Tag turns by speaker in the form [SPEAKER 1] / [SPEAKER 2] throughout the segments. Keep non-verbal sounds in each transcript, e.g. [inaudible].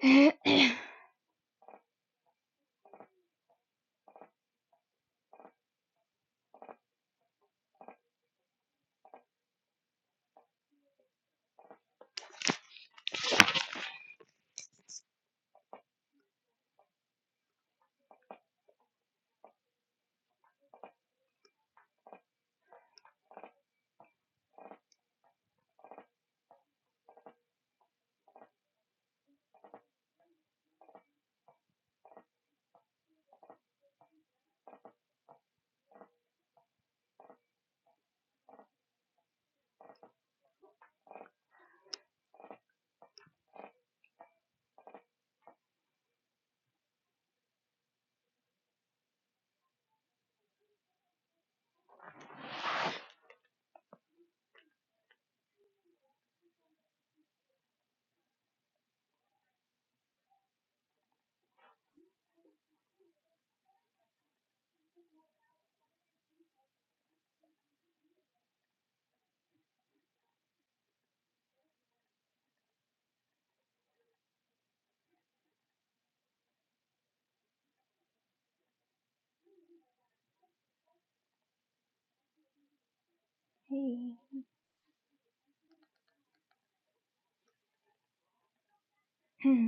[SPEAKER 1] [coughs] [clears throat] Hey. [clears throat]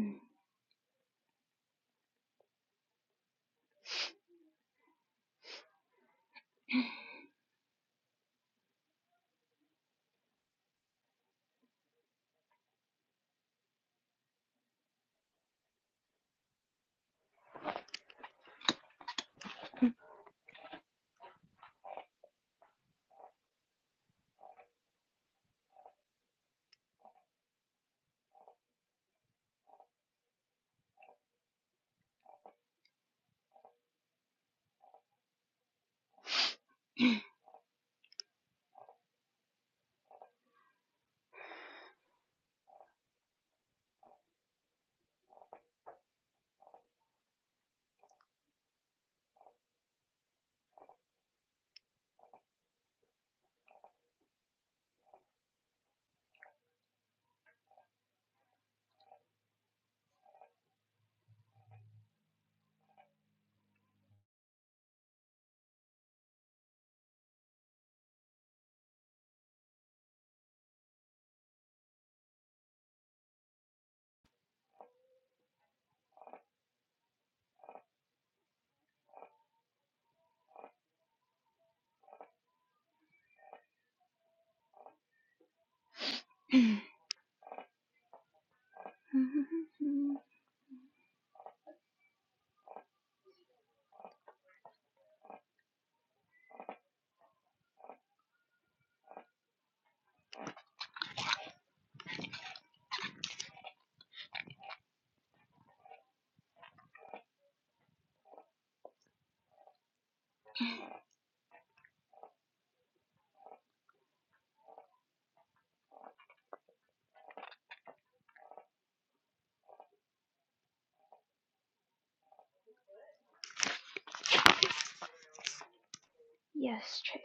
[SPEAKER 1] yes, Chase.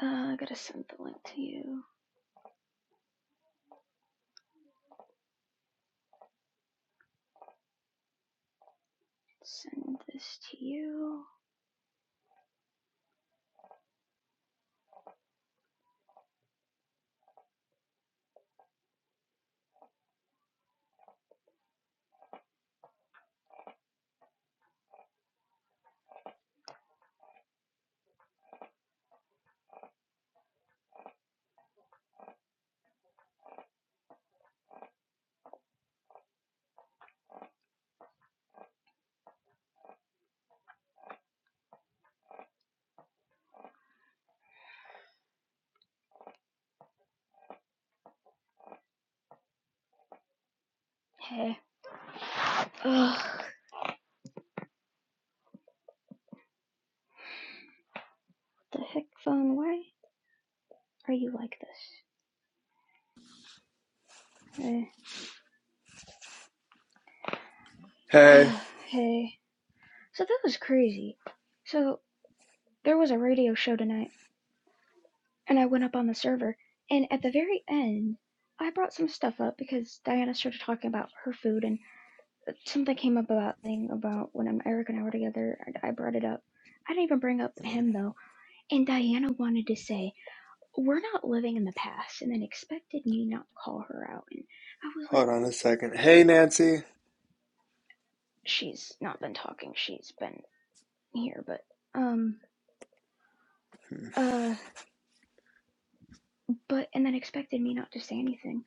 [SPEAKER 1] Uh, I gotta send the link to you. Send this to you. Hey. Ugh. The heck, phone? Why are you like this? Hey.
[SPEAKER 2] Hey,
[SPEAKER 1] [sighs] hey. So that was crazy. So there was a radio show tonight, and I went up on the server, and at the very end, I brought some stuff up because Diana started talking about her food and something came up about thing about when um, Eric and I were together. And I brought it up. I didn't even bring up him though. And Diana wanted to say we're not living in the past, and then expected me not to call her out. And I was like,
[SPEAKER 2] hold on a second. Hey, Nancy.
[SPEAKER 1] she's not been talking. She's been here, but um uh but and then expected me not to say anything.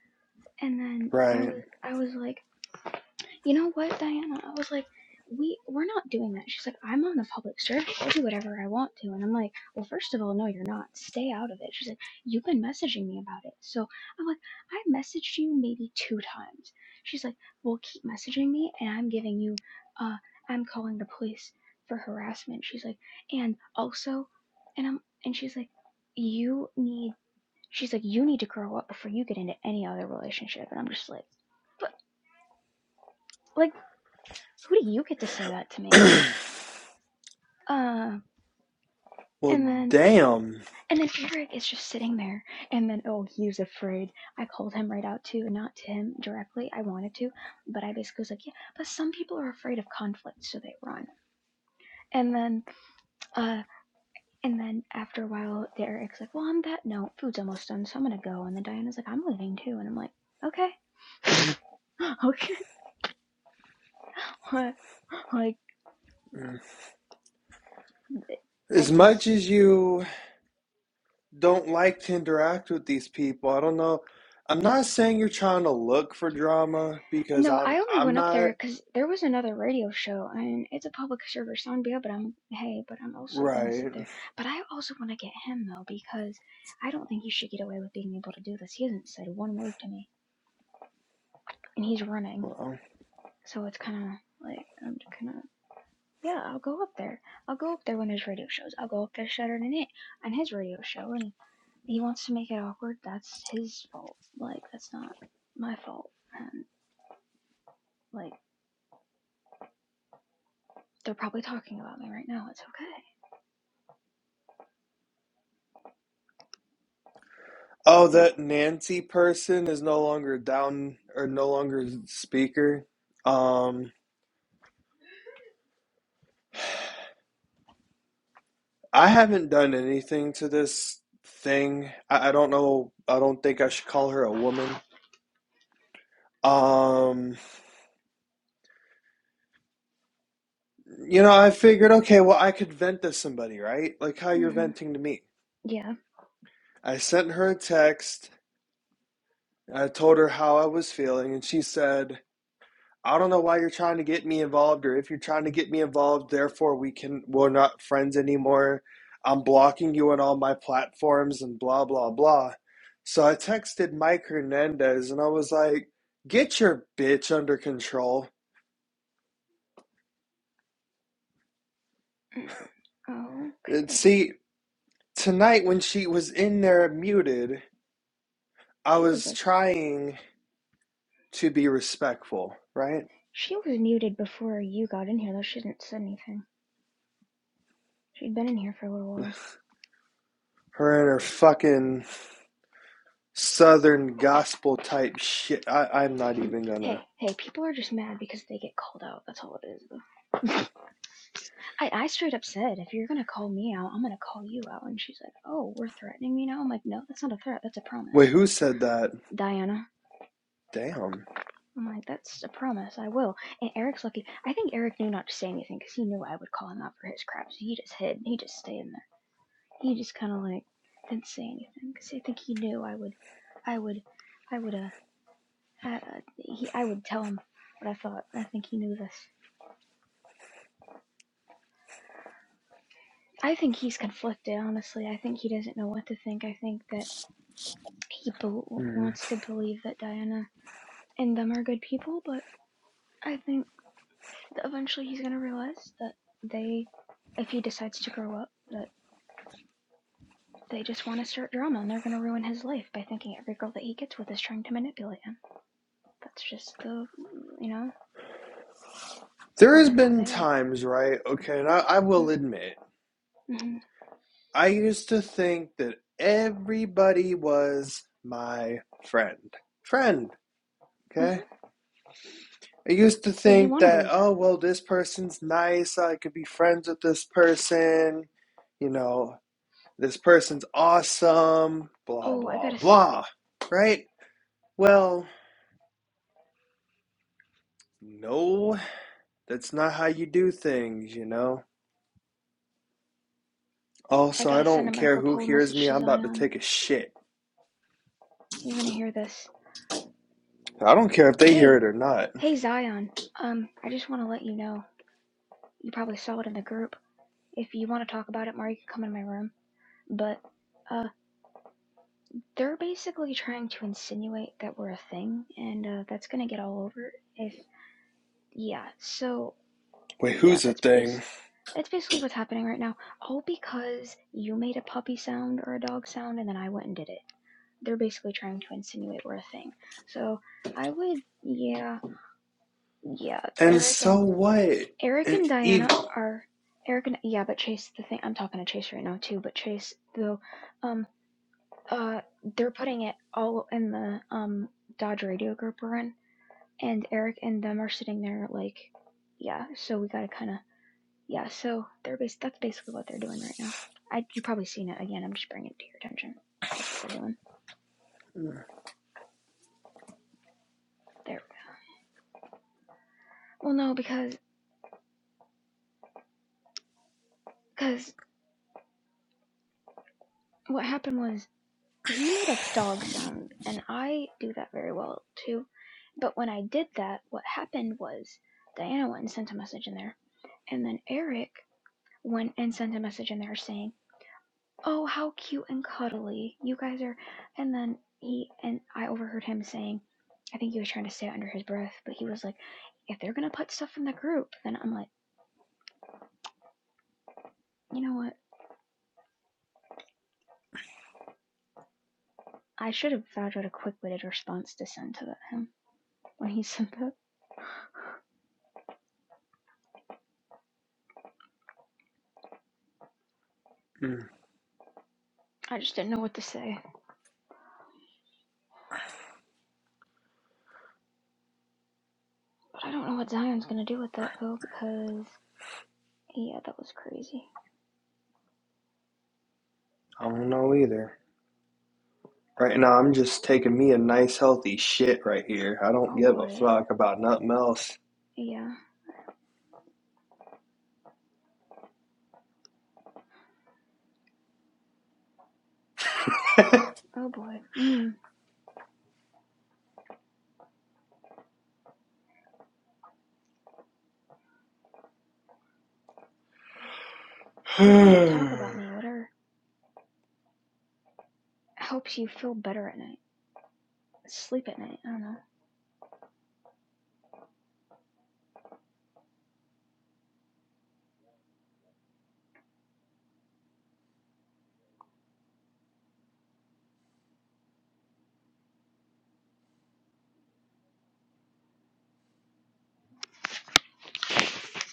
[SPEAKER 1] And then I
[SPEAKER 2] Right.
[SPEAKER 1] was I was like. you know what, Diana? I was like, we we're not doing that. She's like, I'm on the public service. I do whatever I want to. And I'm like, well, first of all, no, you're not. Stay out of it. She's like, you've been messaging me about it. So I'm like, I messaged you maybe two times. She's like, well, keep messaging me, and I'm giving you, uh, I'm calling the police for harassment. She's like, and also, and I'm, and she's like, you need. She's like, you need to grow up before you get into any other relationship. And I'm just like, but like who do you get to say that to me?
[SPEAKER 2] [clears throat]
[SPEAKER 1] Uh,
[SPEAKER 2] well,
[SPEAKER 1] and then
[SPEAKER 2] damn.
[SPEAKER 1] and then Eric is just sitting there, and then oh, he's afraid. I called him right out too, and not to him directly. I wanted to, but I basically was like, yeah. But some people are afraid of conflict, so they run. And then uh, and then after a while, Eric's like, well, on that note, food's almost done, so I'm gonna go. And then Diana's like, I'm leaving too, and I'm like, okay, [gasps] okay, [laughs] like I
[SPEAKER 2] As much
[SPEAKER 1] just
[SPEAKER 2] as you don't like to interact with these people, I don't know. I'm not saying you're trying to look for drama because
[SPEAKER 1] No,
[SPEAKER 2] I'm
[SPEAKER 1] I only
[SPEAKER 2] I'm
[SPEAKER 1] went up
[SPEAKER 2] not
[SPEAKER 1] there because there was another radio show, and it's a public service, so I'm be but I'm hey, but I'm also gonna
[SPEAKER 2] right.
[SPEAKER 1] sit there. But I also want to get him though because I don't think he should get away with being able to do this. He hasn't said one word to me, and he's running,
[SPEAKER 2] Well,
[SPEAKER 1] so it's kind of like I'm kind of yeah. I'll go up there. I'll go up there when there's radio shows. I'll go up there Saturday night on his radio show, and if he wants to make it awkward. That's his fault. Like that's not my fault, and like they're probably talking about me right now. It's okay.
[SPEAKER 2] oh,
[SPEAKER 1] Like
[SPEAKER 2] that Nancy person is no longer down or no longer speaker. Um, I haven't done anything to this thing. I, I don't know. I don't think I should call her a woman. Um, you know, I figured, okay, well, I could vent to somebody, right? Like how you're
[SPEAKER 1] hmm
[SPEAKER 2] venting to me.
[SPEAKER 1] Yeah.
[SPEAKER 2] I sent her a text. I told her how I was feeling, and she said, I don't know why you're trying to get me involved, or if you're trying to get me involved, therefore we can, we're not friends anymore. I'm blocking you on all my platforms and blah, blah, blah. So I texted Mike Hernandez and I was like, get your bitch under control.
[SPEAKER 1] Mm,
[SPEAKER 2] And
[SPEAKER 1] Okay.
[SPEAKER 2] see, tonight when she was in there muted, I
[SPEAKER 1] She was
[SPEAKER 2] was
[SPEAKER 1] like,
[SPEAKER 2] trying to be respectful, right?
[SPEAKER 1] she was muted before you got in here, though she didn't say anything. She'd been in here for a little while.
[SPEAKER 2] Her and her fucking southern gospel type shit. I, I'm not
[SPEAKER 1] Um,
[SPEAKER 2] even
[SPEAKER 1] hey,
[SPEAKER 2] gonna.
[SPEAKER 1] hey, people are just mad because they get called out. That's all it is, though. [laughs] I, I straight up said, if you're gonna call me out, I'm gonna call you out. And she's like, oh, we're threatening me now? I'm like, no, that's not a threat. That's a promise.
[SPEAKER 2] Wait,
[SPEAKER 1] So,
[SPEAKER 2] who said that?
[SPEAKER 1] Diana,
[SPEAKER 2] Damn.
[SPEAKER 1] I'm like, that's a promise. I will. And Eric's lucky. I think Eric knew not to say anything because he knew I would call him out for his crap. So he just hid. He just stayed in there. he just kind of like didn't say anything because I think he knew I would, I would, I would, uh, uh, he, I would tell him what I thought. I think he knew this. I think he's conflicted, honestly. I think he doesn't know what to think. I think that he bel
[SPEAKER 2] Hmm.
[SPEAKER 1] wants to believe that Diana and them are good people, but I think that eventually he's gonna realize that they, if he decides to grow up, that they just want to start drama and they're gonna ruin his life by thinking every girl that he gets with is trying to manipulate him. That's just the, you know.
[SPEAKER 2] There
[SPEAKER 1] because
[SPEAKER 2] has
[SPEAKER 1] that's how
[SPEAKER 2] been
[SPEAKER 1] they are.
[SPEAKER 2] times, right? Okay, and I, I
[SPEAKER 1] Mm,
[SPEAKER 2] will admit,
[SPEAKER 1] Mm-hmm.
[SPEAKER 2] I used to think that everybody was my friend. Friend,
[SPEAKER 1] hmm
[SPEAKER 2] okay? I used to
[SPEAKER 1] Well, you
[SPEAKER 2] think
[SPEAKER 1] want to
[SPEAKER 2] that,
[SPEAKER 1] believe that.
[SPEAKER 2] oh, well, this person's nice. I could be friends with this person. You know, This person's awesome, blah,
[SPEAKER 1] Oh, I
[SPEAKER 2] blah,
[SPEAKER 1] gotta, s-
[SPEAKER 2] blah, right? Well, no, that's not how you do things, you know?
[SPEAKER 1] I
[SPEAKER 2] Also, I
[SPEAKER 1] gotta send
[SPEAKER 2] don't
[SPEAKER 1] a
[SPEAKER 2] care
[SPEAKER 1] Marco
[SPEAKER 2] who
[SPEAKER 1] Polo
[SPEAKER 2] hears
[SPEAKER 1] message
[SPEAKER 2] me,
[SPEAKER 1] to
[SPEAKER 2] I'm about to
[SPEAKER 1] Zion.
[SPEAKER 2] take a shit.
[SPEAKER 1] You're gonna hear this.
[SPEAKER 2] I don't care if they hear
[SPEAKER 1] Hey,
[SPEAKER 2] it or not.
[SPEAKER 1] hey, Zion. Um, I just want to let you know. You probably saw it in the group. If you want to talk about it more, you can come in my room. But, uh, they're basically trying to insinuate that we're a thing, and uh, that's gonna get all over if. Yeah. So
[SPEAKER 2] Wait,
[SPEAKER 1] Yeah,
[SPEAKER 2] who's a
[SPEAKER 1] that's bas
[SPEAKER 2] thing?
[SPEAKER 1] that's basically what's happening right now. All because you made a puppy sound or a dog sound and then I went and did it. They're basically trying to insinuate we're a thing. So I would yeah yeah,
[SPEAKER 2] And
[SPEAKER 1] Eric and
[SPEAKER 2] so what?
[SPEAKER 1] Eric
[SPEAKER 2] And
[SPEAKER 1] and
[SPEAKER 2] even.
[SPEAKER 1] Diana are Eric and yeah, but Chase the thing I'm talking to Chase right now too, but Chase though um uh they're putting it all in the um Dodge radio group we're in and Eric and them are sitting there like yeah, so we gotta kinda Yeah, so they're bas- that's basically what they're doing right now. I you probably seen it again. I'm just bringing it to your attention. That's what they're doing. There. Well, no, because because what happened was he made a dog sound, and I do that very well too. But when I did that, what happened was Diana went and sent a message in there, and then Eric went and sent a message in there saying, Oh, how cute and cuddly. You guys are. And then he, and I overheard him saying, I think he was trying to say it under his breath, but he was like, if they're going to put stuff in the group, then I'm like, you know what? I should have thought out a quick witted response to send to him when he [laughs] said that.
[SPEAKER 2] I
[SPEAKER 1] I just didn't know what to say. But I don't know what Zion's going to do with that, though, because, yeah, that was crazy.
[SPEAKER 2] don't know either. Right now, I'm just taking me a nice, healthy shit right here. I don't
[SPEAKER 1] Oh
[SPEAKER 2] give a
[SPEAKER 1] boy.
[SPEAKER 2] fuck about nothing else.
[SPEAKER 1] Yeah. Oh boy. Mm. Go ahead. Talk about me. Whatever helps you feel better at night. Sleep at night. I don't know.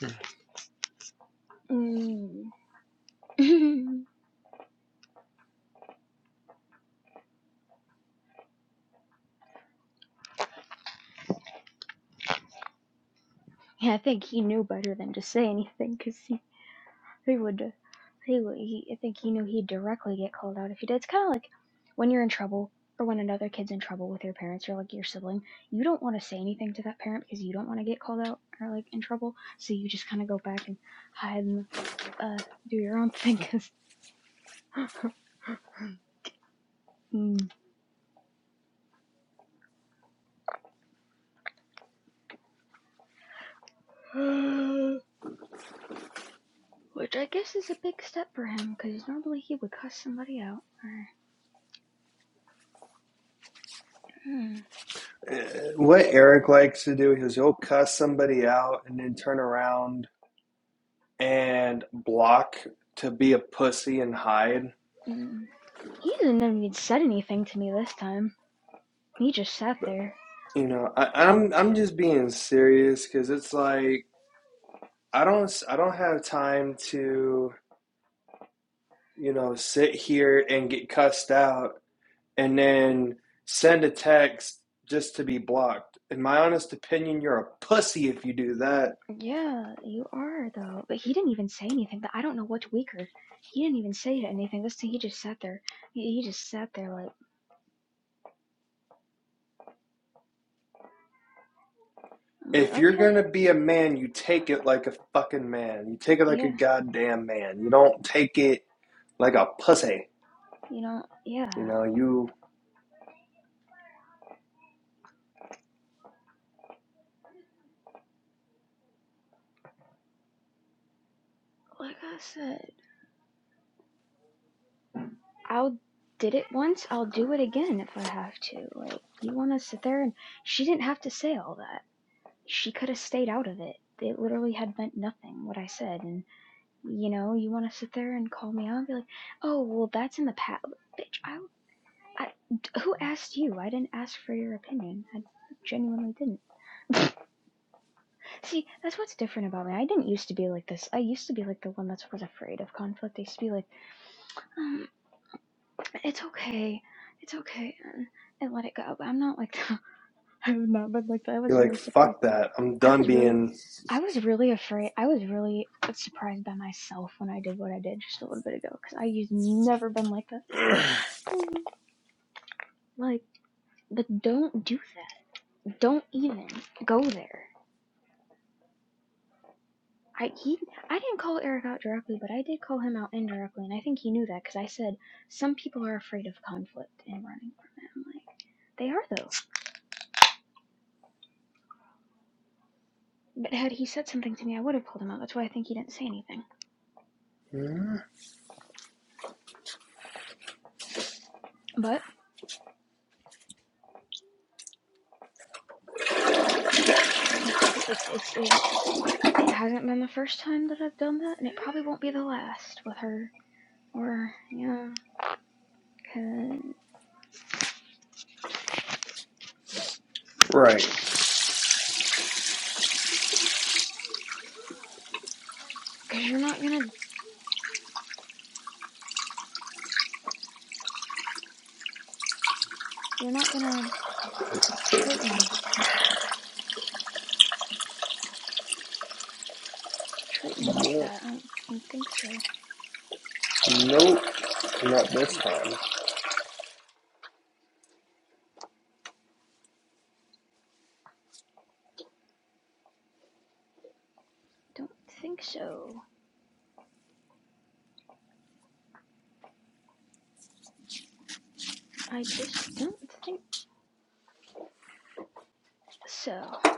[SPEAKER 2] [sighs]
[SPEAKER 1] Mm. [laughs] yeah, I think he knew better than to say anything because he, he would, uh, he would, he, I think he knew he'd directly get called out if he did. It's kind of like when you're in trouble or when another kid's in trouble with your parents or like your sibling, you don't want to say anything to that parent because you don't want to get called out or like in trouble. So you just kind of go back and hide and uh, do your own thing because. [laughs] mm. [sighs] [gasps] Which I guess is a big step for him, because normally he would cuss somebody out. Or, mm,
[SPEAKER 2] what Eric likes to do is he'll cuss somebody out and then turn around and block to be a pussy and hide.
[SPEAKER 1] mm. He didn't even said anything to me this time. He just sat
[SPEAKER 2] But
[SPEAKER 1] there.
[SPEAKER 2] you know, I,
[SPEAKER 1] Up.
[SPEAKER 2] I'm I'm just being serious because it's like I don't I I don't have time to you know sit here and get cussed out and then send a text just to be blocked. In my honest opinion, you're a pussy if you do that
[SPEAKER 1] Yeah, you are though. But he didn't even say anything. I don't know what's weaker. He didn't even say anything. This time he just sat there. He, he just sat there like I'm like
[SPEAKER 2] If you're
[SPEAKER 1] okay,
[SPEAKER 2] gonna be a man, you take it like a fucking man. You take it like a
[SPEAKER 1] yeah,
[SPEAKER 2] goddamn man. You don't take it like a pussy.
[SPEAKER 1] you know, yeah.
[SPEAKER 2] You know, you
[SPEAKER 1] Like I said, I'll did it once. I'll do it again if I have to. Like you want to sit there and she didn't have to say all that. She could have stayed out of it. It literally had meant nothing what I said, and. you know, you want to sit there and call me out and be like, oh, well, that's in the past. Bitch, I, I, who asked you? I didn't ask for your opinion. I genuinely didn't. [laughs] See, that's what's different about me. I didn't used to be like this. I used to be like the one that was afraid of conflict. I used to be like, um, it's okay, it's okay, and, and let it go. But I'm not like that. [laughs] I've not been like that. I was
[SPEAKER 2] you're like,
[SPEAKER 1] really surprised.
[SPEAKER 2] fuck that. I'm
[SPEAKER 1] I
[SPEAKER 2] done
[SPEAKER 1] was really,
[SPEAKER 2] being
[SPEAKER 1] I was really afraid. I was really surprised by myself when I did what I did just a little bit ago because I used never been like that.
[SPEAKER 2] [clears throat]
[SPEAKER 1] Like, but don't do that. Don't even go there. I he I didn't call Eric out directly, but I did call him out indirectly, and I think he knew that because I said some people are afraid of conflict and running from it. I'm like, they are though. But had he said something to me, I would have called him out. That's why I think he didn't say anything.
[SPEAKER 2] right.
[SPEAKER 1] But it probably it, it's it, it hasn't been the first time that I've done that, and it probably won't be the last with her. Or yeah, cause, cause you're not gonna you're not gonna treat me treat me like
[SPEAKER 2] Yeah.
[SPEAKER 1] that. I don't, I don't think so.
[SPEAKER 2] Nope. Not this time.
[SPEAKER 1] Don't think so. I just don't think so. I'm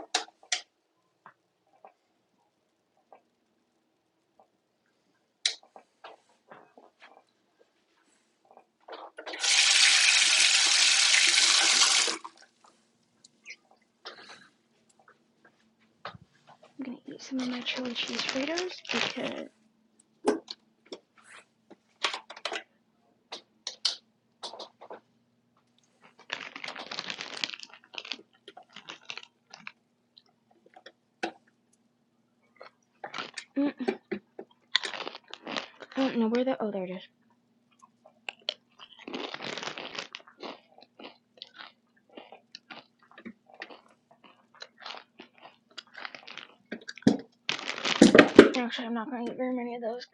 [SPEAKER 1] gonna eat some of my chili cheese fritters because mm, I don't know where the. Oh, there it is. Actually, I'm not gonna eat very many of those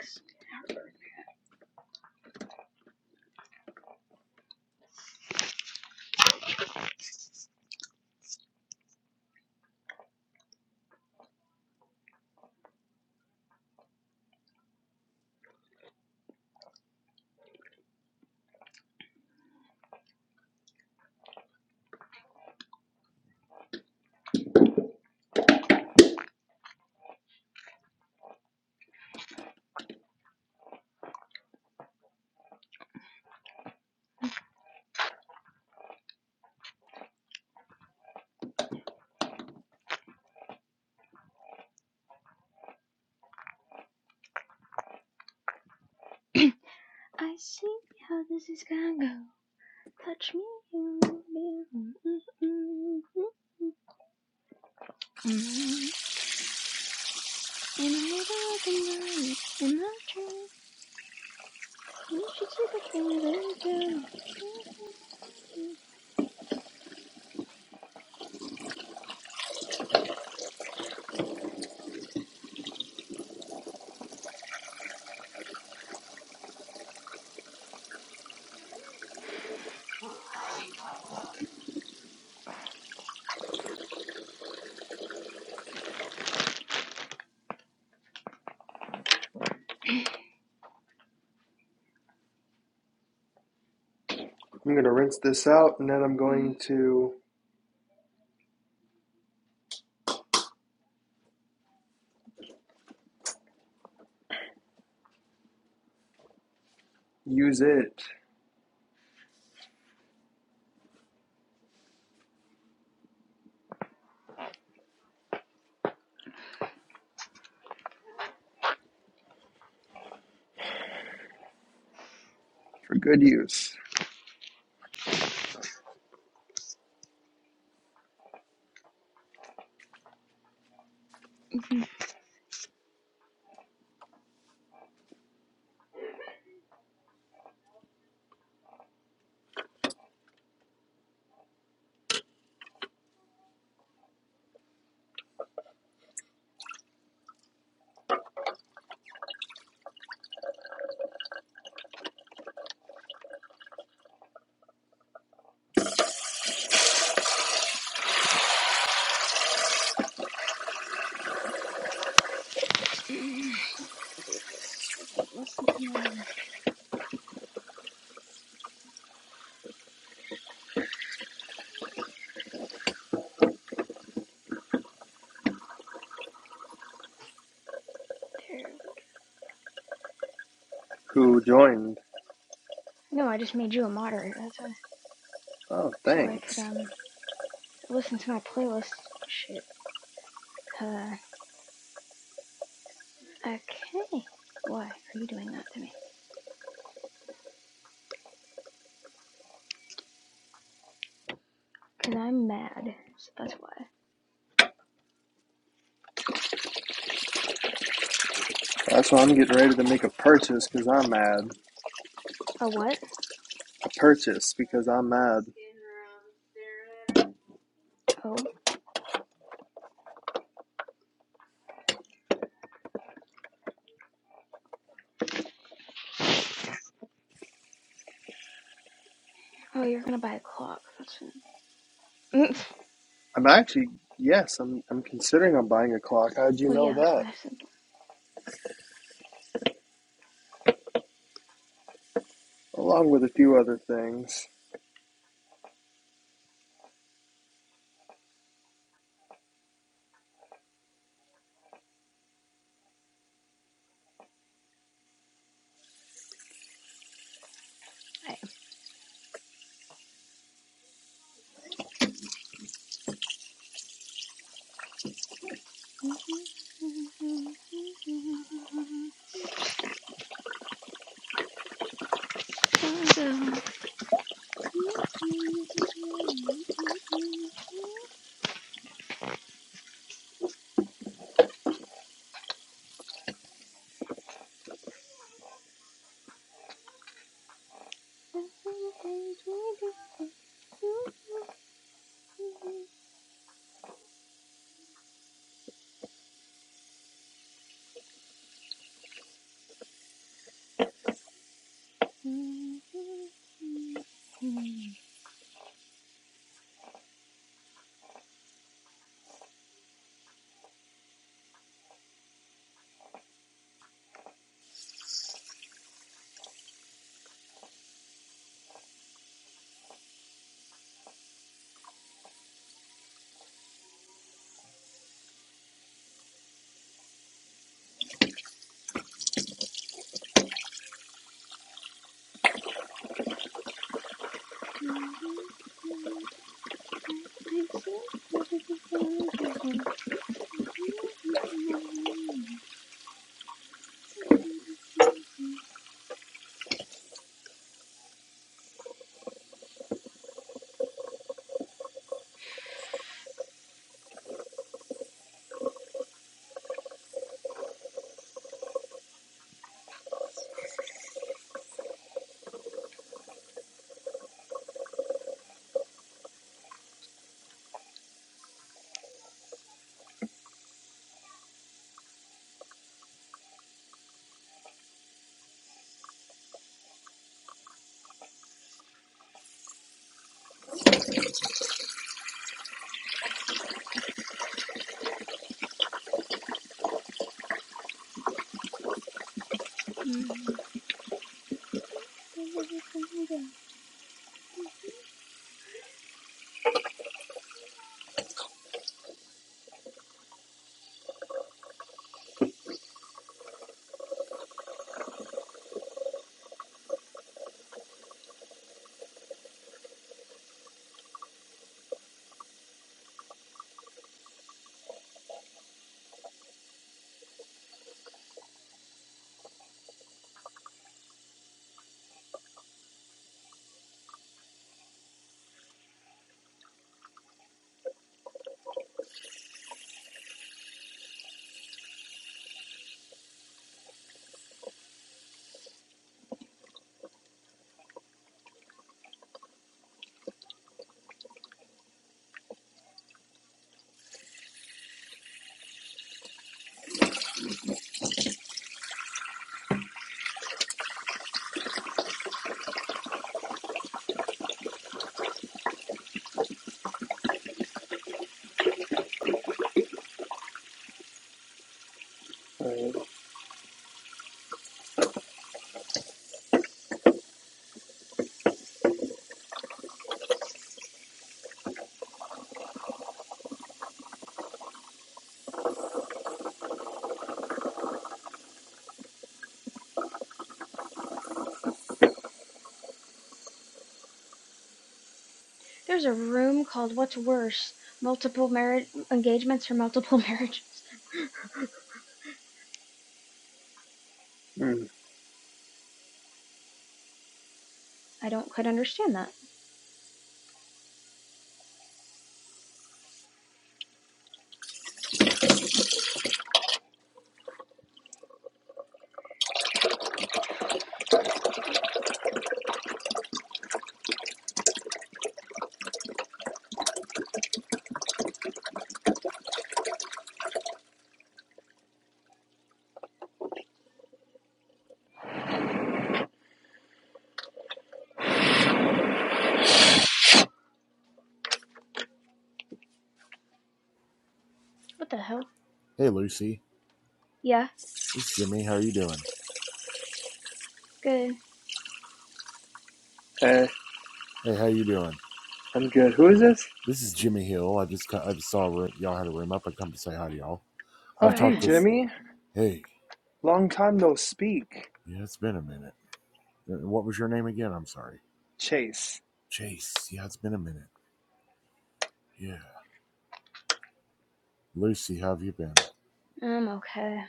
[SPEAKER 1] because [clears throat] I see how this is gonna go. Touch me Mm, mm, mm, mm. in the middle of the night in my dream. You should see the things we do. [clears throat]
[SPEAKER 2] I'm gonna rinse this out and then I'm going to use it for good use.
[SPEAKER 1] [laughs] [clears throat] do this so I can listen to my um. There we
[SPEAKER 2] Who joined?
[SPEAKER 1] go. No, I just made you a moderator. That's why,
[SPEAKER 2] Oh,
[SPEAKER 1] so I could
[SPEAKER 2] thanks.
[SPEAKER 1] um listen to my playlist. and Shit. Uh. Okay. Why are you doing that to me? Cause I'm mad. So that's why.
[SPEAKER 2] That's why I'm getting ready to make a purchase because I'm mad.
[SPEAKER 1] A what?
[SPEAKER 2] A purchase because I'm mad.
[SPEAKER 1] Oh. Oh, you're gonna buy a clock. That's. It. [laughs]
[SPEAKER 2] I'm actually yes, I'm I'm considering on buying a clock. How'd you
[SPEAKER 1] Well,
[SPEAKER 2] know
[SPEAKER 1] yeah. That's why
[SPEAKER 2] that?
[SPEAKER 1] I said
[SPEAKER 2] Along with a few other things.
[SPEAKER 1] I am. Mm-hmm. [laughs] [laughs]
[SPEAKER 2] Right.
[SPEAKER 1] There's a room called What's Worse? Multiple marriage engagements or multiple [laughs] marriages.
[SPEAKER 2] Mm.
[SPEAKER 1] I don't quite understand that. What the hell?
[SPEAKER 3] Hey Lucy,
[SPEAKER 1] Yeah,
[SPEAKER 3] it's Jimmy. How are you doing?
[SPEAKER 1] good.
[SPEAKER 2] Eh,
[SPEAKER 3] Hey, how you doing?
[SPEAKER 2] I'm good. Who is this?
[SPEAKER 3] This is Jimmy Hill. I just co- I just saw a room, y'all had a room up. I come to say hi to y'all.
[SPEAKER 2] Oh
[SPEAKER 3] I've
[SPEAKER 1] No,
[SPEAKER 2] hey
[SPEAKER 3] talked with.
[SPEAKER 2] Jimmy.
[SPEAKER 3] Hey,
[SPEAKER 2] Long time no speak.
[SPEAKER 3] yeah, it's been a minute. Uh, What was your name again? I'm sorry,
[SPEAKER 2] Chase.
[SPEAKER 3] Chase. Yeah, it's been a minute. Yeah, Lucy, how have you been?
[SPEAKER 1] I'm okay.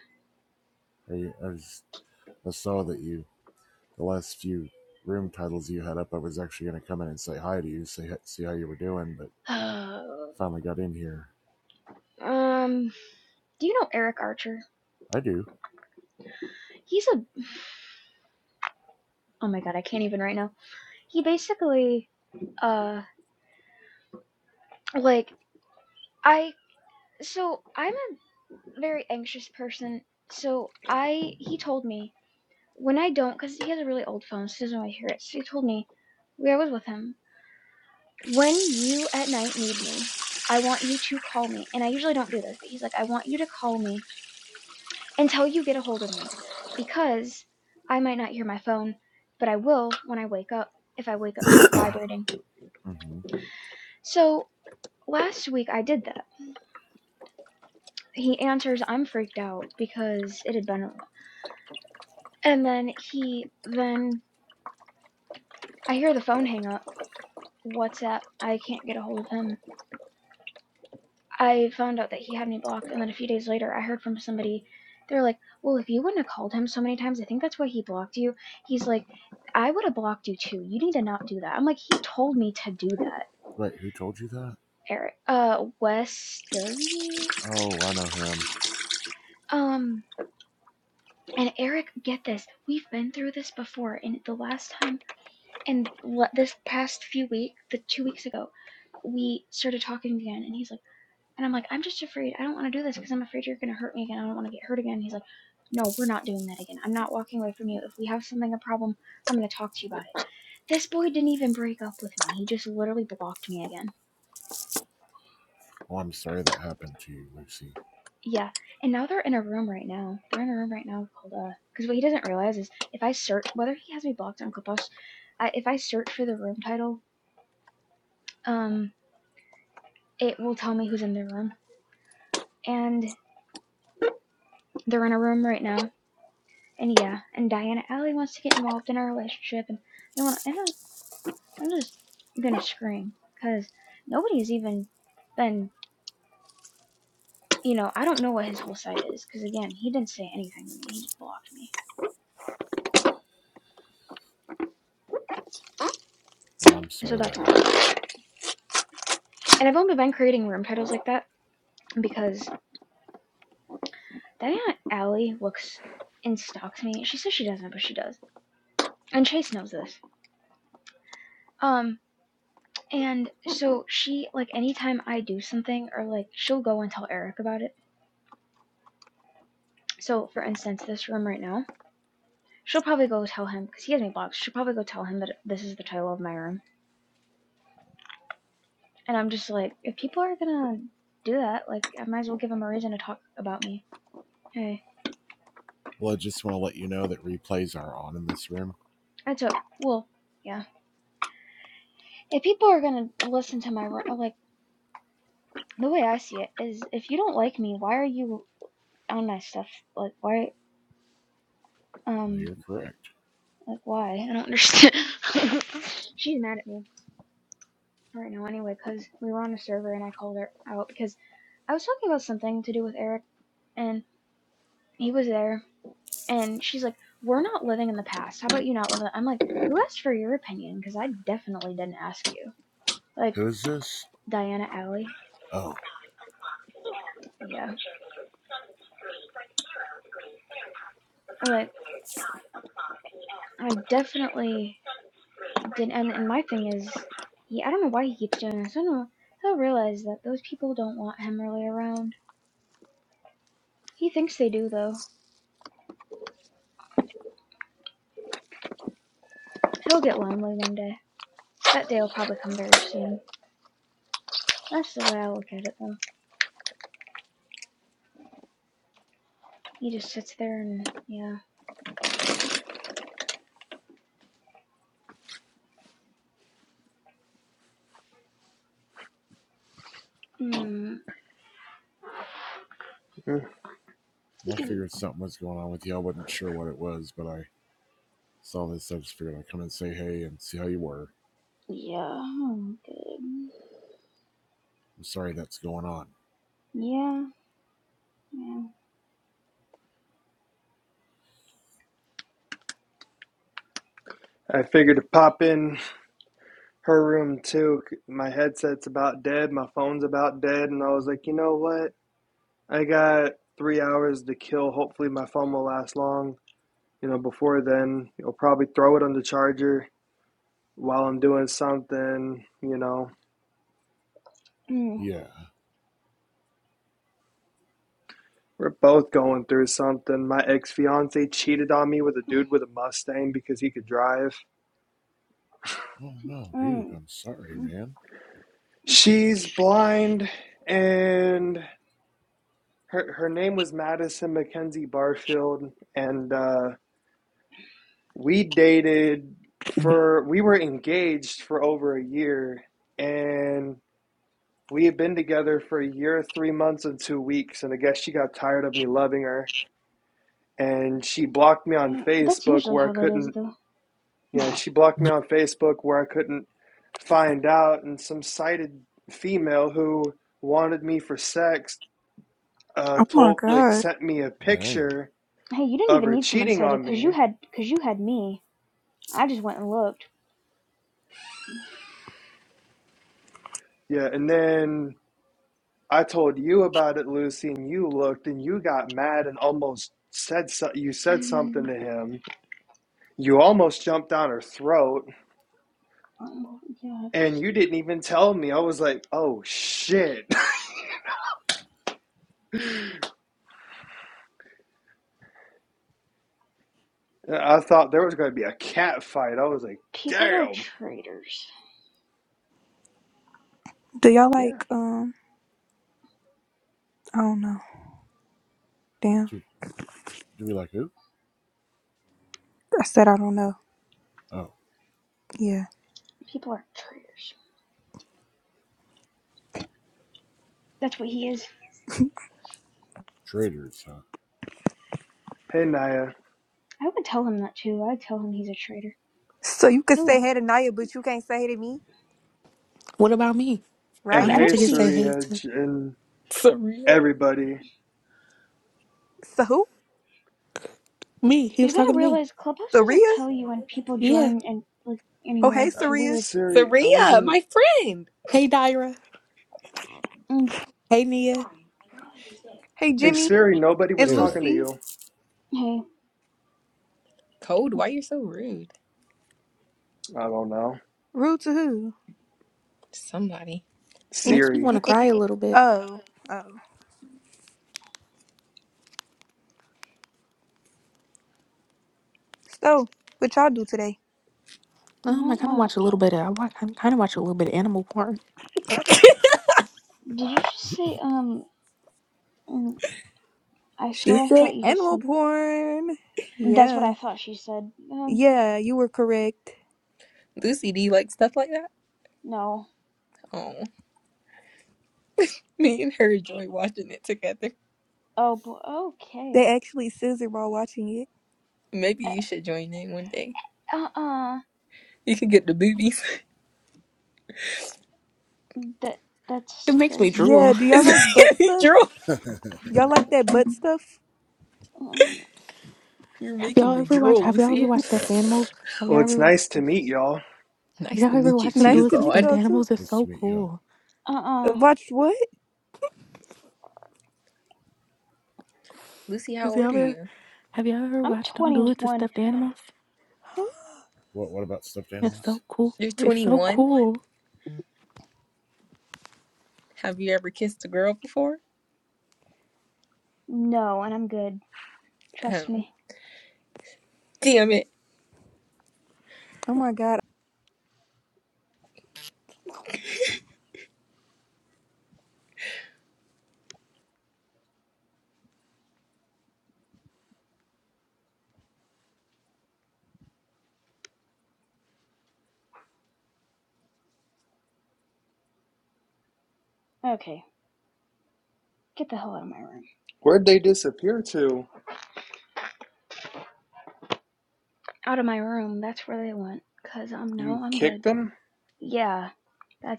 [SPEAKER 3] Are you? I, was, I saw that you the last few room titles you had up. I was actually going to come in and say hi to you, say hi- see how you were doing, but
[SPEAKER 1] [sighs] Oh.
[SPEAKER 3] finally got in here.
[SPEAKER 1] um, do you know Eric Archer?
[SPEAKER 3] I do.
[SPEAKER 1] He's a [sighs] oh my god, I can't even right now. He basically, uh, like I so I'm a very anxious person. So I he told me when I don't because he has a really old phone, so he doesn't really hear it. So he told me where I was with him. When you at night need me, I want you to call me. And I usually don't do this, but he's like, I want you to call me until you get a hold of me, because I might not hear my phone, but I will when I wake up, if I wake up to it vibrating.
[SPEAKER 3] Mm-hmm.
[SPEAKER 1] So last week I did that. He answers, I'm freaked out because it had been. a And then he, then I hear the phone hang up. WhatsApp, I can't get a hold of him. I found out that he had me blocked, and then a few days later, I heard from somebody. They're like, "Well, if you wouldn't have called him so many times, I think that's why he blocked you." He's like, "I would have blocked you too. You need to not do that." I'm like, "He told me to do that,
[SPEAKER 3] Wait, who told you that?
[SPEAKER 1] Eric." Uh, Wes Dervey.
[SPEAKER 3] Oh, I know him.
[SPEAKER 1] Um, and Eric, get this. We've been through this before, and the last time, and this past few weeks, the two weeks ago, we started talking again, and he's like, And I'm like, I'm just afraid. I don't want to do this because I'm afraid you're going to hurt me again. I don't want to get hurt again. He's like, No, we're not doing that again. I'm not walking away from you. If we have something, a problem, I'm going to talk to you about it. This boy didn't even break up with me. He just literally blocked me again.
[SPEAKER 3] Well, I'm sorry that happened to you, Lucy.
[SPEAKER 1] Yeah. And now they're in a room right now. They're in a room right now called, uh, because what he doesn't realize is if I search, whether he has me blocked on Clubhouse, I, if I search for the room title, um, it will tell me who's in the room. And they're in a room right now and yeah, and Diana Alley wants to get involved in our relationship, and they want. to, And I'm, just gonna scream because nobody's even been. You know, I don't know what his whole side is because again, he didn't say anything to me. He just blocked me,
[SPEAKER 3] Well, I'm
[SPEAKER 1] so
[SPEAKER 3] sorry that
[SPEAKER 1] that's why.
[SPEAKER 3] happened.
[SPEAKER 1] And I've only been creating room titles like that because Diana Alley looks and stalks me. She says she doesn't, but she does. And Chase knows this. Um, and so she like anytime I do something or like she'll go and tell Eric about it. So for instance, this room right now. she'll probably go tell him because he has me blocked. She'll probably go tell him that this is the title of my room. And I'm just like, if people are gonna do that, like, I might as well give them a reason to talk about me. Hey,
[SPEAKER 3] Well, I just want to let you know that replays are on in this room.
[SPEAKER 1] I took well, yeah. If people are gonna listen to my ru- like the way I see it is, if you don't like me, why are you on my stuff? Like, why?
[SPEAKER 3] Uh,
[SPEAKER 1] Um,
[SPEAKER 3] you're correct.
[SPEAKER 1] like why? I don't understand. [laughs] She's mad at me right now anyway because we were on a server and I called her out because I was talking about something to do with Eric and he was there And she's like, We're not living in the past. How about you not live in the-" I'm like, Who asked for your opinion? Because I definitely didn't ask you. Like,
[SPEAKER 3] Who is this?
[SPEAKER 1] Diana Alley.
[SPEAKER 3] Oh,
[SPEAKER 1] Yeah. Like, I definitely didn't. And, and my thing is, he, I don't know why he keeps doing this. I don't know. He'll realize that those people don't want him really around. He thinks they do, though. He'll get lonely one day. That day will probably come very soon. That's the way I look at it, though. He just sits there and, yeah. Hmm.
[SPEAKER 2] Mm.
[SPEAKER 1] you
[SPEAKER 3] well, I
[SPEAKER 1] can,
[SPEAKER 3] figured something was going on with you. I wasn't sure what it was, but I saw this. I just figured I'd come and say hey and see how you were.
[SPEAKER 1] yeah, oh, good.
[SPEAKER 3] I'm sorry that's going on.
[SPEAKER 1] Yeah. Mm,
[SPEAKER 2] I figured to pop in her room too. My headset's about dead, my phone's about dead, and I was like, you know what? I got three hours to kill. Hopefully my phone will last long. You know, before then, I'll probably throw it on the charger while I'm doing something, you know,
[SPEAKER 1] mm,
[SPEAKER 3] Yeah.
[SPEAKER 2] We're both going through something. My ex fiance cheated on me with a
[SPEAKER 1] mm,
[SPEAKER 2] dude with a Mustang because he could drive.
[SPEAKER 3] Oh, no, dude.
[SPEAKER 1] mm.
[SPEAKER 3] I'm sorry,
[SPEAKER 1] mm, mm,
[SPEAKER 3] man.
[SPEAKER 2] She's blind, and her her name was Madison Mackenzie Barfield, and uh, we dated for we were
[SPEAKER 1] mm,
[SPEAKER 2] engaged for over a year, and we had been together for a year, three months, and two weeks. And I guess she got tired of me loving her, and she blocked me on
[SPEAKER 1] mm. That's
[SPEAKER 2] Facebook
[SPEAKER 1] usually
[SPEAKER 2] where
[SPEAKER 1] how
[SPEAKER 2] I
[SPEAKER 1] that is,
[SPEAKER 2] couldn't
[SPEAKER 1] though.
[SPEAKER 2] Yeah, she blocked me
[SPEAKER 4] Oh
[SPEAKER 2] on Facebook where I couldn't find out, and some sighted female who wanted me for sex uh,
[SPEAKER 4] my
[SPEAKER 2] told, like,
[SPEAKER 4] god.
[SPEAKER 2] sent me a
[SPEAKER 3] Dang.
[SPEAKER 2] picture
[SPEAKER 1] Hey, you didn't
[SPEAKER 2] of
[SPEAKER 1] even
[SPEAKER 2] her
[SPEAKER 1] need someone
[SPEAKER 2] cheating
[SPEAKER 1] sighted,
[SPEAKER 2] on
[SPEAKER 1] cause you
[SPEAKER 2] me.
[SPEAKER 1] had, cause you had me. I just went and looked.
[SPEAKER 2] Yeah, and then I told you about it, Lucy, and you looked and you got mad and almost said so- you said
[SPEAKER 1] Mm,
[SPEAKER 2] something to him. You almost jumped down her throat,
[SPEAKER 1] um, yeah,
[SPEAKER 2] and
[SPEAKER 1] it's
[SPEAKER 2] you
[SPEAKER 1] like
[SPEAKER 2] didn't even tell me. I was like, "Oh shit!" [laughs] I thought there was going to be a cat fight. I was like,
[SPEAKER 1] people are
[SPEAKER 2] "Damn."
[SPEAKER 1] traitors.
[SPEAKER 4] Do y'all
[SPEAKER 2] Yeah.
[SPEAKER 4] like um I don't know. Damn.
[SPEAKER 3] Do, do we like who?
[SPEAKER 4] I said I don't know.
[SPEAKER 3] Oh,
[SPEAKER 4] Yeah.
[SPEAKER 1] People are traitors. That's what he is.
[SPEAKER 3] traders, huh?
[SPEAKER 2] Hey, Naya.
[SPEAKER 1] I would tell him that too. I'd tell him he's a traitor.
[SPEAKER 4] So you could
[SPEAKER 1] No,
[SPEAKER 4] say hey to Naya, but you can't say hey to me?
[SPEAKER 5] What about me? I
[SPEAKER 2] And
[SPEAKER 1] yeah,
[SPEAKER 4] Right.
[SPEAKER 1] I
[SPEAKER 5] wanted
[SPEAKER 1] don't
[SPEAKER 2] hey,
[SPEAKER 5] to
[SPEAKER 1] think
[SPEAKER 5] get
[SPEAKER 1] he.
[SPEAKER 5] say hey
[SPEAKER 2] Surya
[SPEAKER 5] to
[SPEAKER 2] J- and
[SPEAKER 6] Saria.
[SPEAKER 2] everybody.
[SPEAKER 4] So who?
[SPEAKER 5] me. He was
[SPEAKER 1] You gotta
[SPEAKER 5] talking to me.
[SPEAKER 1] realize Clubhouse doesn't
[SPEAKER 4] Saria?
[SPEAKER 1] tell you when people
[SPEAKER 5] Yeah.
[SPEAKER 1] join and like
[SPEAKER 4] Oh
[SPEAKER 1] anymore.
[SPEAKER 4] hey
[SPEAKER 2] Uh,
[SPEAKER 1] It's
[SPEAKER 4] Saria.
[SPEAKER 1] weird.
[SPEAKER 2] Siri, I
[SPEAKER 6] Saria,
[SPEAKER 2] wasn't.
[SPEAKER 6] my friend.
[SPEAKER 5] Hey, Dyra.
[SPEAKER 1] Mm,
[SPEAKER 5] Hey, Nia.
[SPEAKER 4] Hey
[SPEAKER 2] Hey,
[SPEAKER 4] Jimmy
[SPEAKER 2] Siri, nobody was
[SPEAKER 3] Hey
[SPEAKER 4] and
[SPEAKER 2] talking
[SPEAKER 3] there.
[SPEAKER 2] to
[SPEAKER 4] Lucy.
[SPEAKER 2] you.
[SPEAKER 1] hey,
[SPEAKER 6] Code, why you're so rude?
[SPEAKER 2] I don't know.
[SPEAKER 4] Rude to who?
[SPEAKER 6] Somebody.
[SPEAKER 4] And,
[SPEAKER 5] Makes me want
[SPEAKER 2] Siri.
[SPEAKER 5] to
[SPEAKER 4] and- and-
[SPEAKER 5] cry a little bit.
[SPEAKER 4] oh. Oh. So what y'all do today?
[SPEAKER 5] Um, I
[SPEAKER 1] not
[SPEAKER 5] kind of
[SPEAKER 1] much.
[SPEAKER 5] watch a little bit. Of, I, wa- I kind of watch a little bit of animal porn.
[SPEAKER 6] [laughs]
[SPEAKER 1] Did you just say um? mm, I
[SPEAKER 4] She
[SPEAKER 1] swear I
[SPEAKER 4] said
[SPEAKER 1] thought you
[SPEAKER 4] animal
[SPEAKER 1] said.
[SPEAKER 4] porn.
[SPEAKER 1] That's what I
[SPEAKER 4] Yeah.
[SPEAKER 1] thought she said. Um,
[SPEAKER 4] Yeah, you were correct.
[SPEAKER 6] Lucy, do you like stuff like that?
[SPEAKER 1] no.
[SPEAKER 6] Oh, me and her enjoy watching it together.
[SPEAKER 1] Oh, boy.
[SPEAKER 4] They
[SPEAKER 1] Okay.
[SPEAKER 4] actually scissored while watching it.
[SPEAKER 6] Maybe you should join in one day.
[SPEAKER 1] Uh uh.
[SPEAKER 6] You can get the boobies. [laughs]
[SPEAKER 1] That
[SPEAKER 5] It
[SPEAKER 1] that's
[SPEAKER 5] makes me
[SPEAKER 1] crazy.
[SPEAKER 4] Yeah,
[SPEAKER 5] drool.
[SPEAKER 4] do y'all
[SPEAKER 6] It's
[SPEAKER 4] like butt
[SPEAKER 6] making me
[SPEAKER 4] stuff?
[SPEAKER 6] drool.
[SPEAKER 3] [laughs] nice
[SPEAKER 4] Y'all like that butt stuff?
[SPEAKER 1] Um,
[SPEAKER 6] You're
[SPEAKER 5] Have
[SPEAKER 6] making
[SPEAKER 5] y'all
[SPEAKER 6] me
[SPEAKER 5] ever watched?
[SPEAKER 6] drool,
[SPEAKER 5] Have y'all ever
[SPEAKER 6] Lucy. [sighs]
[SPEAKER 5] watched stuffed animals? Have
[SPEAKER 2] Well,
[SPEAKER 5] y'all
[SPEAKER 2] it's
[SPEAKER 5] ever?
[SPEAKER 2] nice to meet y'all.
[SPEAKER 5] Have
[SPEAKER 6] Nice
[SPEAKER 5] y'all
[SPEAKER 6] to
[SPEAKER 5] ever
[SPEAKER 6] meet you
[SPEAKER 5] watched them
[SPEAKER 4] Nice
[SPEAKER 5] do
[SPEAKER 6] too,
[SPEAKER 5] it
[SPEAKER 4] to
[SPEAKER 5] to
[SPEAKER 4] meet
[SPEAKER 5] stuffed
[SPEAKER 6] God.
[SPEAKER 4] y'all too.
[SPEAKER 5] animals? It's so
[SPEAKER 3] to meet you. Huh?
[SPEAKER 5] cool.
[SPEAKER 1] uh uh.
[SPEAKER 4] Watch what?
[SPEAKER 6] Lucy, how
[SPEAKER 5] Has
[SPEAKER 6] old
[SPEAKER 5] y'all
[SPEAKER 6] are
[SPEAKER 5] ever?
[SPEAKER 6] you?
[SPEAKER 5] Have y'all ever
[SPEAKER 1] I'm
[SPEAKER 5] watched them do it to
[SPEAKER 1] 21.
[SPEAKER 5] stuffed animals?
[SPEAKER 4] Huh?
[SPEAKER 3] What, what about stuffed
[SPEAKER 5] It's so
[SPEAKER 3] animals?
[SPEAKER 5] cool.
[SPEAKER 6] You're
[SPEAKER 5] It's so
[SPEAKER 6] 21.
[SPEAKER 5] cool.
[SPEAKER 6] Have you ever kissed a girl before?
[SPEAKER 1] No, and I'm good. Trust
[SPEAKER 6] Oh,
[SPEAKER 1] me.
[SPEAKER 6] damn it.
[SPEAKER 4] Oh my god.
[SPEAKER 1] Okay. Get the hell out of my room.
[SPEAKER 2] Where'd they disappear to?
[SPEAKER 1] Out of my room. That's where they went. Cause I'm
[SPEAKER 2] You
[SPEAKER 1] no, I'm good.
[SPEAKER 2] kicked them?
[SPEAKER 1] Yeah,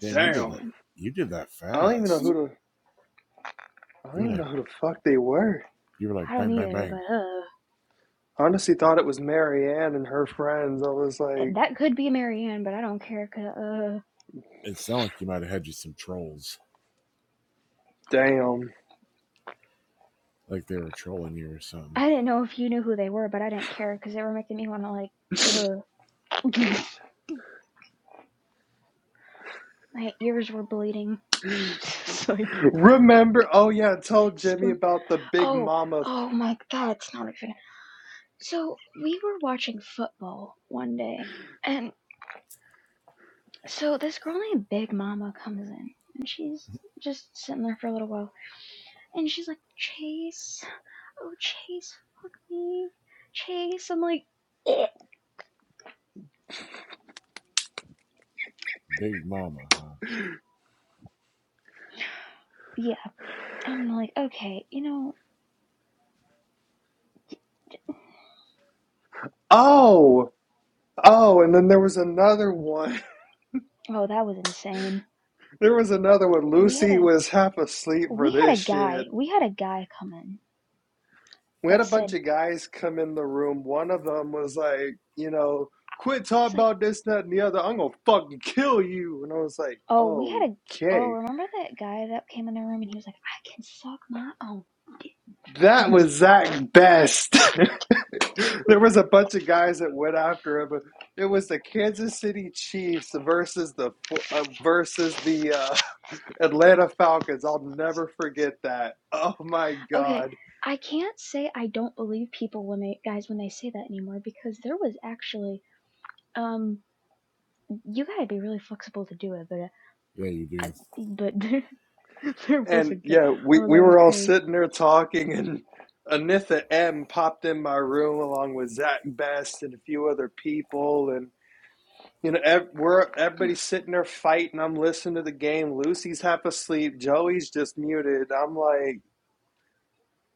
[SPEAKER 3] Damn, you did that.
[SPEAKER 2] Damn.
[SPEAKER 1] insane.
[SPEAKER 3] You did that
[SPEAKER 2] I don't even know
[SPEAKER 3] fast.
[SPEAKER 2] who to. I don't
[SPEAKER 3] You were
[SPEAKER 2] even know
[SPEAKER 3] like,
[SPEAKER 2] who the fuck they were.
[SPEAKER 3] you were
[SPEAKER 1] I
[SPEAKER 3] like,
[SPEAKER 1] don't
[SPEAKER 3] bang, bang,
[SPEAKER 1] either,
[SPEAKER 3] bang.
[SPEAKER 1] but uh,
[SPEAKER 2] honestly thought it was Marianne and her friends. I was like,
[SPEAKER 1] that could be Marianne, but I don't care. Cause uh.
[SPEAKER 3] It sounded like you might have had you some trolls,
[SPEAKER 2] damn.
[SPEAKER 3] like they were trolling you or something.
[SPEAKER 1] I didn't know if you knew who they were, but I didn't care because they were making me want to like, ugh. [laughs] my ears were bleeding. [laughs] It's like,
[SPEAKER 2] [laughs] Remember? Oh, yeah, I told Jimmy
[SPEAKER 1] split.
[SPEAKER 2] about the Big
[SPEAKER 1] oh,
[SPEAKER 2] Mama.
[SPEAKER 1] oh
[SPEAKER 2] Th-
[SPEAKER 1] my god, it's not even. So we were watching football one day, and so this girl named Big Mama comes in, and she's just sitting there for a little while, and she's like, Chase, oh Chase, fuck me, Chase. I'm like, eh.
[SPEAKER 3] Big Mama, huh?
[SPEAKER 1] yeah, I'm like, okay, you know,
[SPEAKER 2] oh! Oh, and then there was another one. [laughs]
[SPEAKER 1] oh that was insane.
[SPEAKER 2] There was another one.
[SPEAKER 1] We had
[SPEAKER 2] Lucy
[SPEAKER 1] a
[SPEAKER 2] was half asleep
[SPEAKER 1] we
[SPEAKER 2] for
[SPEAKER 1] had a
[SPEAKER 2] this
[SPEAKER 1] guy
[SPEAKER 2] shit.
[SPEAKER 1] we had a guy come in
[SPEAKER 2] We had
[SPEAKER 1] that
[SPEAKER 2] a
[SPEAKER 1] said
[SPEAKER 2] bunch of guys come in the room. One of them was like, you know, quit
[SPEAKER 1] he's
[SPEAKER 2] talking
[SPEAKER 1] like
[SPEAKER 2] about this, that, and the other. I'm gonna fucking kill you. And I was like,
[SPEAKER 1] oh we had a oh
[SPEAKER 2] okay.
[SPEAKER 1] remember that guy that came in the room and he was like i can suck my own dick."
[SPEAKER 2] That was Zach Best. [laughs] there was a bunch of guys that went after him. It was the Kansas City Chiefs versus the uh, versus the uh, Atlanta Falcons. I'll never forget that. Oh my
[SPEAKER 1] [laughs] okay
[SPEAKER 2] God.
[SPEAKER 1] i can't say i don't believe people when they guys when they say that anymore because there was actually um you gotta be really flexible to do it but uh,
[SPEAKER 3] Yeah, you do.
[SPEAKER 1] I, but [laughs] there, was
[SPEAKER 2] And
[SPEAKER 1] a guy
[SPEAKER 2] yeah, we,
[SPEAKER 1] oh
[SPEAKER 2] we
[SPEAKER 1] that was
[SPEAKER 2] were all
[SPEAKER 1] crazy
[SPEAKER 2] sitting there talking, and Anitha M popped in my room along with Zach Best and a few other people. And, you know, ev- we're everybody's sitting there fighting. I'm listening to the game. Lucy's half asleep. Joey's just muted. I'm like,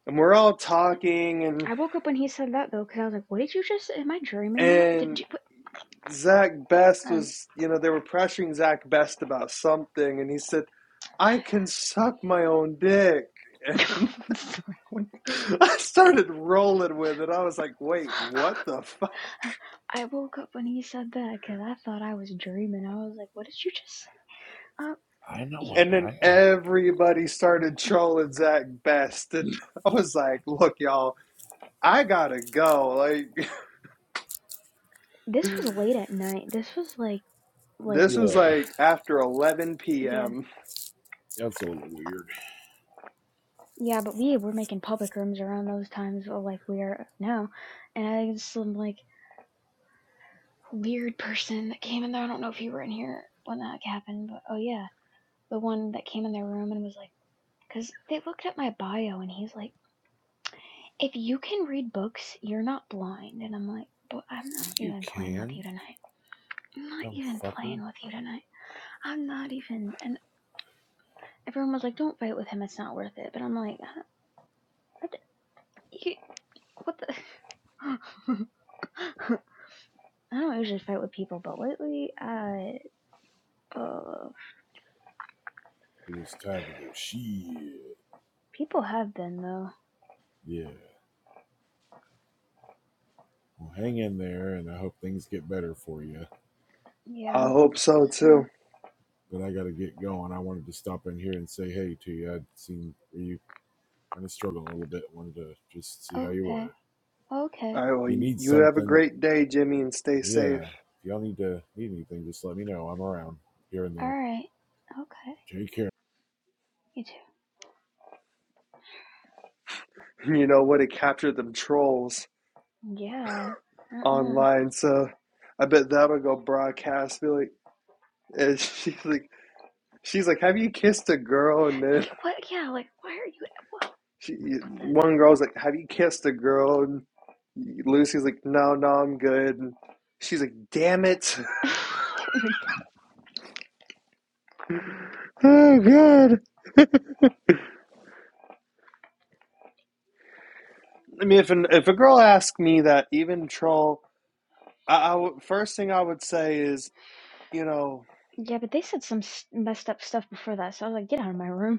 [SPEAKER 2] and we're all talking and,
[SPEAKER 1] i woke up when he said that though because i was like what did you just am i dreaming that
[SPEAKER 2] and
[SPEAKER 1] did you what
[SPEAKER 2] Zach Best
[SPEAKER 1] um
[SPEAKER 2] was, you know, they were pressuring Zach Best about something, and he said, I can suck my own dick. [laughs]
[SPEAKER 1] [laughs] sorry what?
[SPEAKER 2] I started rolling with it. I was like, wait,
[SPEAKER 1] [laughs]
[SPEAKER 2] what the fuck?
[SPEAKER 1] [laughs] I woke up when he said that because I thought I was dreaming. I was like, "What did you just say?" Um,
[SPEAKER 3] I know
[SPEAKER 1] y
[SPEAKER 2] And
[SPEAKER 3] I
[SPEAKER 2] then
[SPEAKER 3] die.
[SPEAKER 2] everybody started trolling Zach Best. And [laughs] I was like, look, y'all, I gotta go. Like,
[SPEAKER 1] this was late at night. This was like,
[SPEAKER 2] [laughs]
[SPEAKER 1] like,
[SPEAKER 2] this was
[SPEAKER 3] Yeah,
[SPEAKER 2] like after 11
[SPEAKER 1] [sighs] yeah,
[SPEAKER 2] p.m.
[SPEAKER 3] that's a little weird.
[SPEAKER 1] yeah. But we were making public rooms around those times, uh, like we are now. And I just some like weird person that came in there. I don't know if you were in here when that like, happened, but oh yeah, the one that came in their room and was like, because they looked at my bio and he's like, "If you can read books, you're not blind." And I'm like, "But I'm not
[SPEAKER 3] Yeah, you
[SPEAKER 1] even playing with you
[SPEAKER 3] can,
[SPEAKER 1] tonight." I'm not
[SPEAKER 3] dumb
[SPEAKER 1] even
[SPEAKER 3] fucker.
[SPEAKER 1] playing with you tonight. I'm not even. And everyone was like, don't fight with him. It's not worth it. But I'm like, "Uh, what, the- what the. [laughs] I don't usually fight with people, but lately, I. Uh,
[SPEAKER 3] You're just tied to the shit.
[SPEAKER 1] people have been, though.
[SPEAKER 3] Yeah. Well, hang in there, and I hope things get better for you.
[SPEAKER 2] I
[SPEAKER 1] Yeah.
[SPEAKER 2] hope so
[SPEAKER 1] So.
[SPEAKER 2] too.
[SPEAKER 3] But I got to get going. I wanted to stop in here and say hey to you. I'd seen you kind of struggle a little bit. Wanted to just see how you
[SPEAKER 1] Okay.
[SPEAKER 3] were.
[SPEAKER 2] All
[SPEAKER 1] Okay.
[SPEAKER 2] right, well,
[SPEAKER 3] If you
[SPEAKER 2] you
[SPEAKER 3] need
[SPEAKER 2] have a
[SPEAKER 3] something,
[SPEAKER 2] great day, Jimmy, and stay
[SPEAKER 3] Yeah.
[SPEAKER 2] safe. [laughs]
[SPEAKER 3] If y'all need to need anything, just let me know. I'm around here and there.
[SPEAKER 1] Alright. Okay.
[SPEAKER 3] Take care.
[SPEAKER 1] You too.
[SPEAKER 2] You know what? It captured them trolls.
[SPEAKER 1] Yeah. Uh. mm
[SPEAKER 2] online. So I bet that'll go broadcast. Be like, and [laughs] she's like, she's like, have you kissed a girl? And then
[SPEAKER 1] Wait, what? Yeah, like, why are you. What,
[SPEAKER 2] she,
[SPEAKER 1] what
[SPEAKER 2] one girl's like, have you kissed a girl? And Lucy's like, no, no, I'm good. And she's like, damn it. [laughs]
[SPEAKER 1] the. [laughs] oh my god.
[SPEAKER 2] Oh, God. I mean, if an, if a girl asked me that, even troll, I, I w- first thing I would say is, you know,
[SPEAKER 1] Yeah, but they said some messed up stuff before that, so I was like, get out of my room.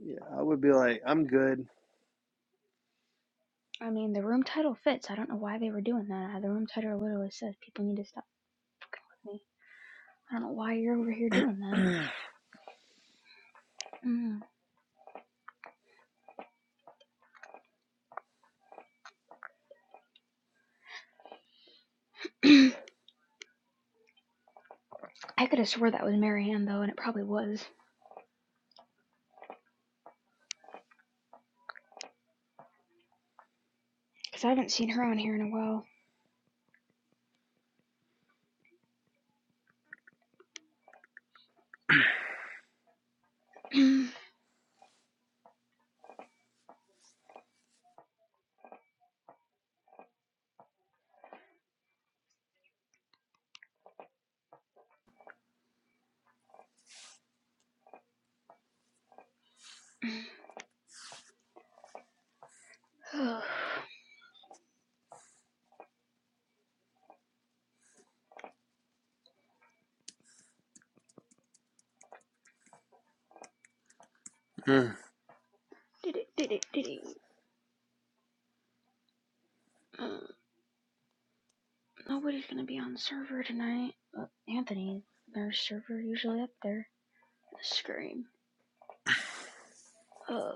[SPEAKER 2] yeah, I would be like, I'm good.
[SPEAKER 1] I mean, the room title fits. I don't know why they were doing that. The room title literally says people need to stop fucking with me. I don't know why you're over here doing that. Mm. [clears throat] I could have swore that was Mary Ann though, and it probably was. Because I haven't seen her on here in a while. [clears throat]
[SPEAKER 2] [clears throat]
[SPEAKER 1] did it, did it, did it. Uh, nobody's gonna be on server tonight. Uh, Anthony, their server usually up there. Scream. Uh,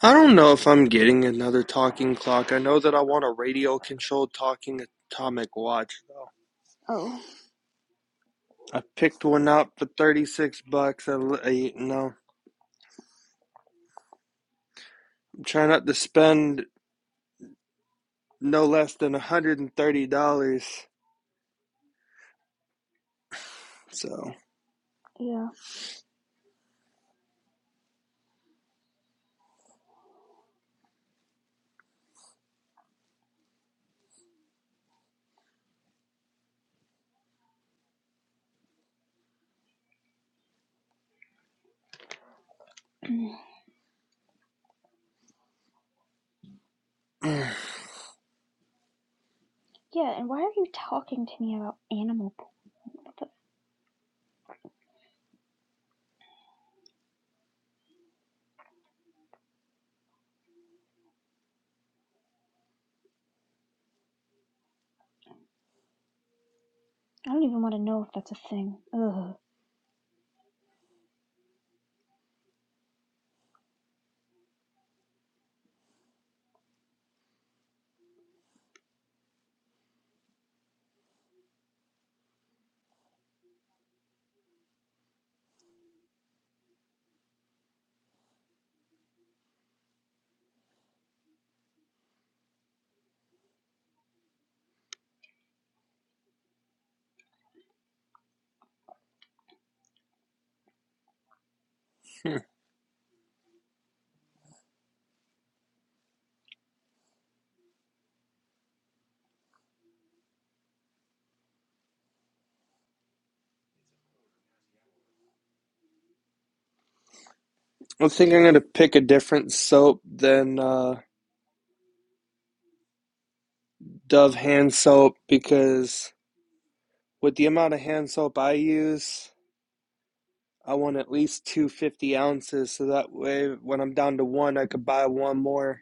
[SPEAKER 2] I don't know if I'm getting another talking clock. I know that I want a radio controlled talking atomic watch though.
[SPEAKER 1] oh,
[SPEAKER 2] I picked one up for 36 bucks. I, l- I- you know, I'm trying not to spend no less than $130. So,
[SPEAKER 1] yeah. [clears throat]
[SPEAKER 2] [clears throat] I
[SPEAKER 1] yeah, and why are you talking to me about animal poop? What the I don't even want to know if that's a thing. Ugh.
[SPEAKER 2] think I'm going to pick a different soap than uh, Dove hand soap because with the amount of hand soap I use, I want at least two fifty ounces so that way when I'm down to one, I could buy one more.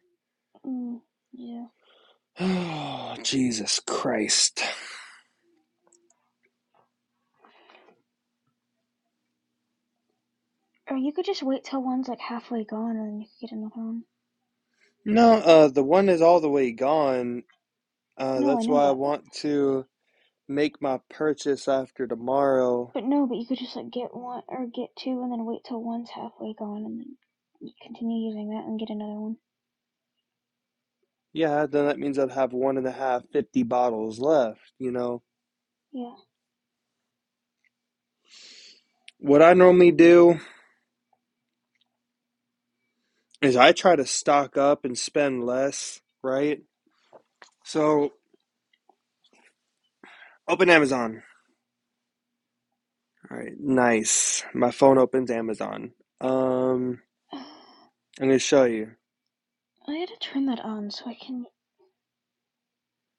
[SPEAKER 1] Mm, yeah.
[SPEAKER 2] [sighs] Oh, Jesus Christ.
[SPEAKER 1] Or you could just wait till one's like halfway gone, and then you could get another one.
[SPEAKER 2] No, uh, the one is all the way gone. Uh,
[SPEAKER 1] No, I
[SPEAKER 2] that's
[SPEAKER 1] know
[SPEAKER 2] why I
[SPEAKER 1] that, but
[SPEAKER 2] want to make my purchase after tomorrow.
[SPEAKER 1] but no, but you could just like get one or get two, and then wait till one's halfway gone, and then you continue using that and get another one.
[SPEAKER 2] Yeah, then that means I'd have one and a half 50 bottles left, you know.
[SPEAKER 1] Yeah.
[SPEAKER 2] What I normally do is I try to stock up and spend less, right? So, open Amazon. All right, nice. My phone opens Amazon. Um,
[SPEAKER 1] [sighs]
[SPEAKER 2] I'm gonna show you
[SPEAKER 1] I had to turn that on so I can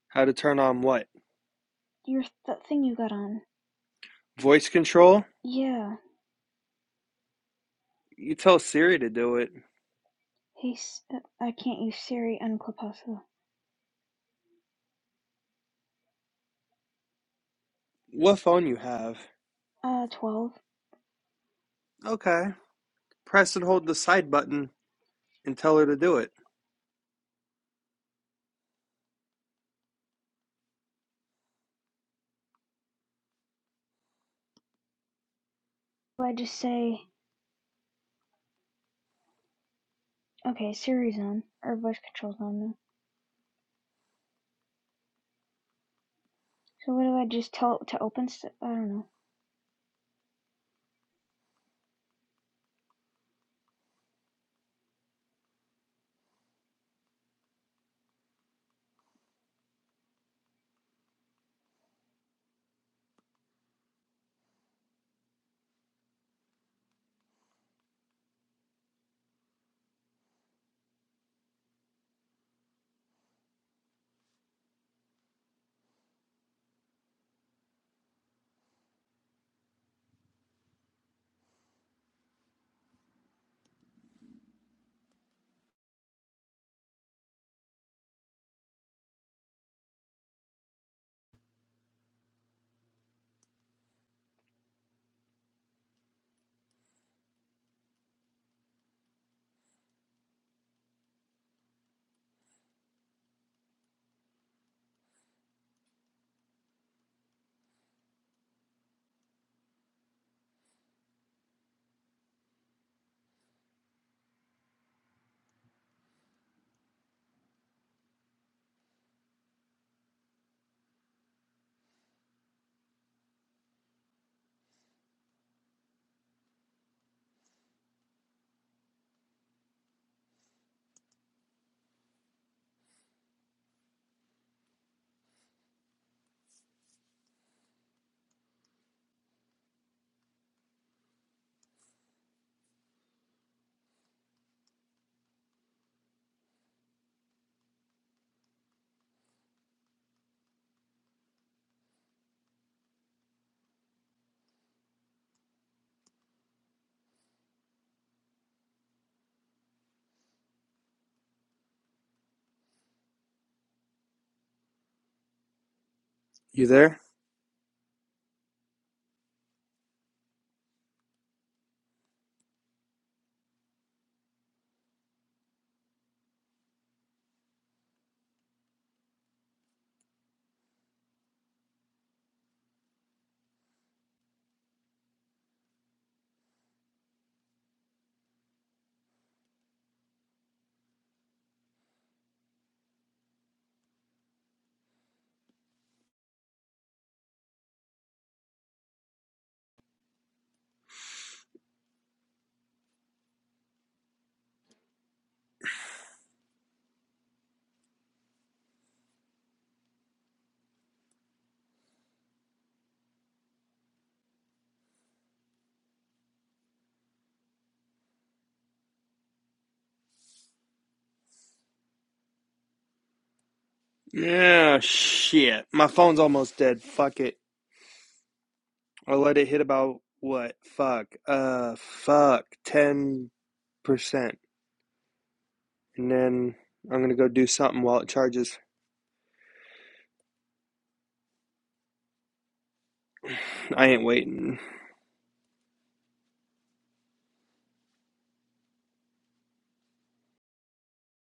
[SPEAKER 2] how to turn on what?
[SPEAKER 1] your that thing you got on.
[SPEAKER 2] Voice control?
[SPEAKER 1] Yeah.
[SPEAKER 2] You tell Siri to do it.
[SPEAKER 1] Hey, uh, I can't use Siri on Clubhouse.
[SPEAKER 2] What phone you have?
[SPEAKER 1] Uh, twelve.
[SPEAKER 2] Okay. Press and hold the side button and tell her to do it.
[SPEAKER 1] Do I just say okay? Siri's on or voice control's on now? So what do I just tell it to open? st- I don't know.
[SPEAKER 2] You there? Yeah, shit. My phone's almost dead. Fuck it. I let it hit about what? Fuck. Uh, fuck. 10%. And then I'm gonna go do something while it charges. [laughs] I ain't waiting.